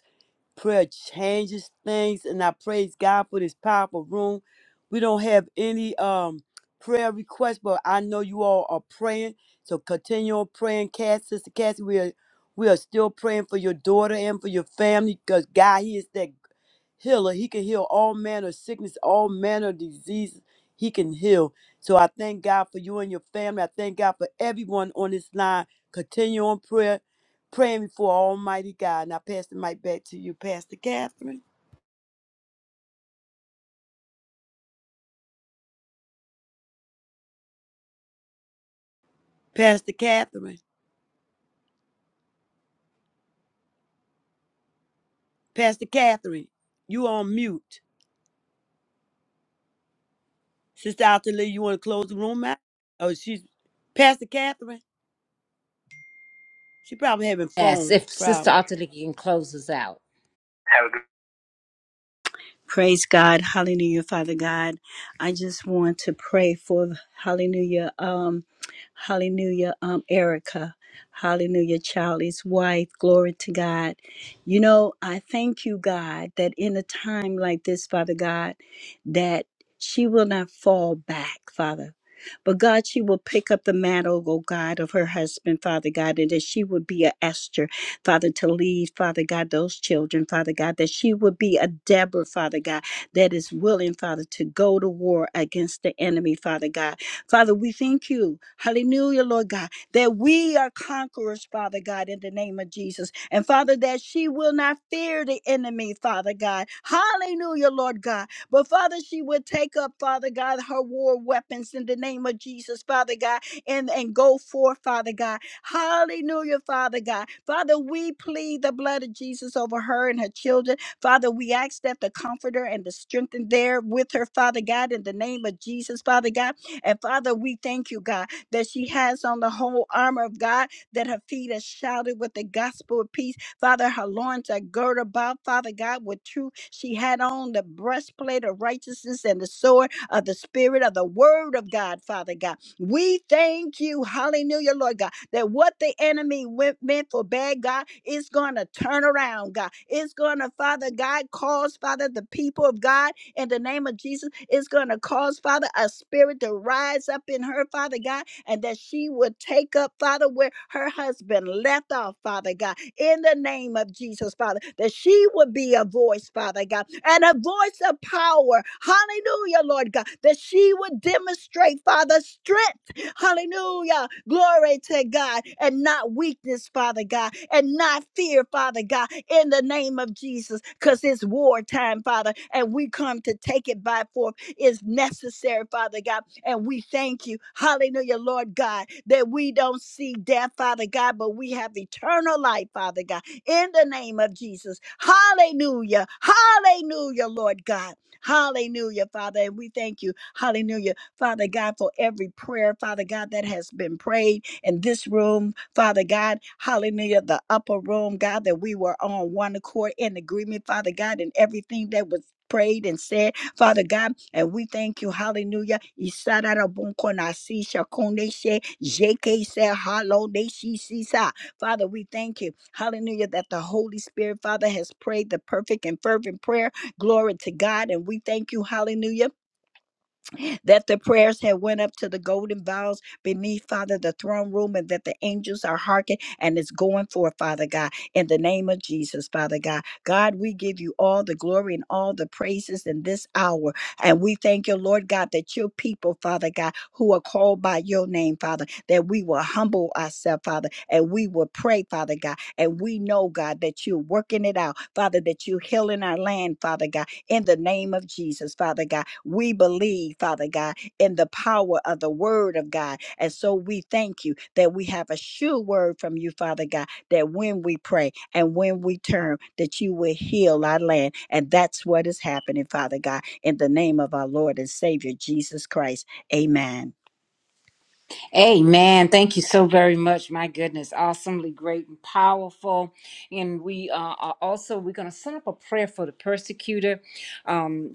Prayer changes things, and I praise God for this powerful room. We don't have any um prayer requests, but I know you all are praying. So continue on praying, Cass, Sister Cassie. We are we are still praying for your daughter and for your family because God, He is that healer. He can heal all manner of sickness, all manner of diseases. He can heal. So I thank God for you and your family. I thank God for everyone on this line. Continue on prayer, praying before Almighty God. Now, pass the mic back to you, Pastor Catherine. Pastor Catherine. Pastor Catherine, you on mute. Sister Altalee, you want to close the room out? Oh, she's Pastor Catherine. She probably having
Yes,
phone
if Sister
problems.
Otterly can close us out. Have a good
Praise God. Hallelujah, Father God. I just want to pray for hallelujah, um, hallelujah, um, Erica. Hallelujah, Charlie's wife. Glory to God. You know, I thank you, God, that in a time like this, Father God, that she will not fall back, Father. But God, she will pick up the mantle, oh God, of her husband, Father God, and that she would be a Esther Father, to lead, Father God, those children, Father God, that she would be a Deborah, Father God, that is willing, Father, to go to war against the enemy, Father God. Father, we thank you, hallelujah, Lord God, that we are conquerors, Father God, in the name of Jesus. And Father, that she will not fear the enemy, Father God. Hallelujah, Lord God. But Father, she would take up, Father God, her war weapons in the name of Jesus, Father God, and, and go forth, Father God Hallelujah, Father God. Father, we plead the blood of Jesus over her and her children. Father, we ask that the comforter and the strengthen there with her, Father God, in the name of Jesus, Father God. And Father, we thank you, God, that she has on the whole armor of God, that her feet are shouted with the gospel of peace. Father, her loins are girded about, Father God, with truth. She had on the breastplate of righteousness and the sword of the Spirit of the Word of God, Father God. We thank you. Hallelujah, Lord God that what the enemy went, meant for bad, God, is going to turn around, God. It's going to, Father God, cause, Father, the people of God, in the name of Jesus, it's going to cause, Father, a spirit to rise up in her, Father God, and that she would take up, Father, where her husband left off, Father God, in the name of Jesus, Father, that she would be a voice, Father God, and a voice of power. Hallelujah, Lord God, that she would demonstrate, Father, strength. Hallelujah. Glory to God. And not weakness, Father God. And not fear, Father God. In the name of Jesus. Because it's wartime, Father. And we come to take it by force. It's necessary, Father God. And we thank you. Hallelujah, Lord God. That we don't see death, Father God. But we have eternal life, Father God. In the name of Jesus. Hallelujah. Hallelujah, Lord God. Hallelujah, Father. And we thank you. Hallelujah Father God, for every prayer, Father God, that has been prayed in this room, Father God, hallelujah, the upper room, God, that we were on one accord in agreement, Father God, and everything that was prayed and said, Father God, and we thank you, hallelujah. Isarabunkonasi shakoneshe jekese halodeshisisa. Father, we thank you, hallelujah, that the Holy Spirit, Father, has prayed the perfect and fervent prayer. Glory to God, and we thank you, hallelujah that the prayers had went up to the golden vials beneath father the throne room and that the angels are hearkening and it's going forth father god in the name of jesus father god god we give you all the glory and all the praises in this hour and we thank you lord god that your people father god who are called by your name father that we will humble ourselves father and we will pray father god and we know god that you're working it out father that you're healing our land father god in the name of Jesus, Father God. We believe, Father God, in the power of the word of God. And so we thank you that we have a sure word from you, Father God, that when we pray and when we turn, that you will heal our land. And that's what is happening, Father God, in the name of our Lord and Savior, Jesus Christ. Amen.
Amen. Thank you so very much. My goodness, awesomely great and powerful. And we uh, are also we're going to set up a prayer for the persecutor. Um,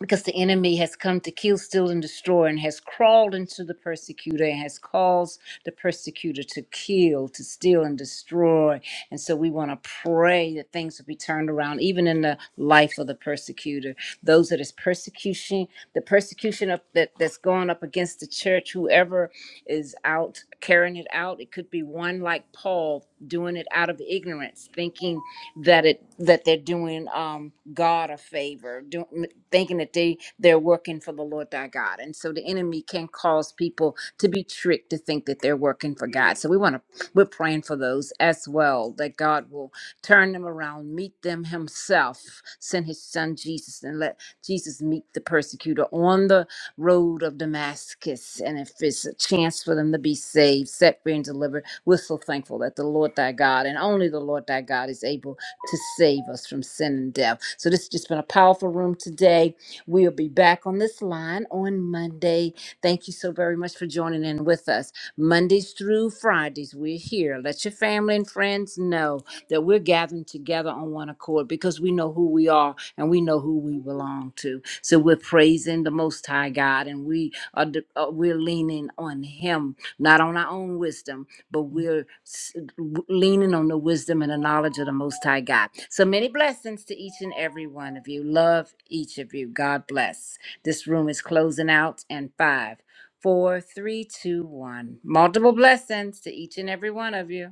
because the enemy has come to kill, steal, and destroy, and has crawled into the persecutor and has caused the persecutor to kill, to steal, and destroy. And so we want to pray that things will be turned around, even in the life of the persecutor. Those that is persecution, the persecution of, that, that's going up against the church, whoever is out carrying it out, it could be one like Paul doing it out of ignorance, thinking that it that they're doing um God a favor, do, thinking that they they're working for the Lord thy God, and so the enemy can cause people to be tricked to think that they're working for God. So we want to we're praying for those as well that God will turn them around, meet them Himself, send His Son Jesus, and let Jesus meet the persecutor on the road of Damascus. And if it's a chance for them to be saved, set free, and delivered, we're so thankful that the Lord thy God and only the Lord thy God is able to save us from sin and death. So this has just been a powerful room today. We'll be back on this line on Monday. Thank you so very much for joining in with us. Mondays through Fridays, we're here. Let your family and friends know that we're gathering together on one accord because we know who we are and we know who we belong to. So we're praising the Most High God and we are de- uh, we're leaning on Him, not on our own wisdom, but we're leaning on the wisdom and the knowledge of the Most High God. So many blessings to each and every one of you. Love each of you. God bless. This room is closing out in five, four, three, two, one. Multiple blessings to each and every one of you.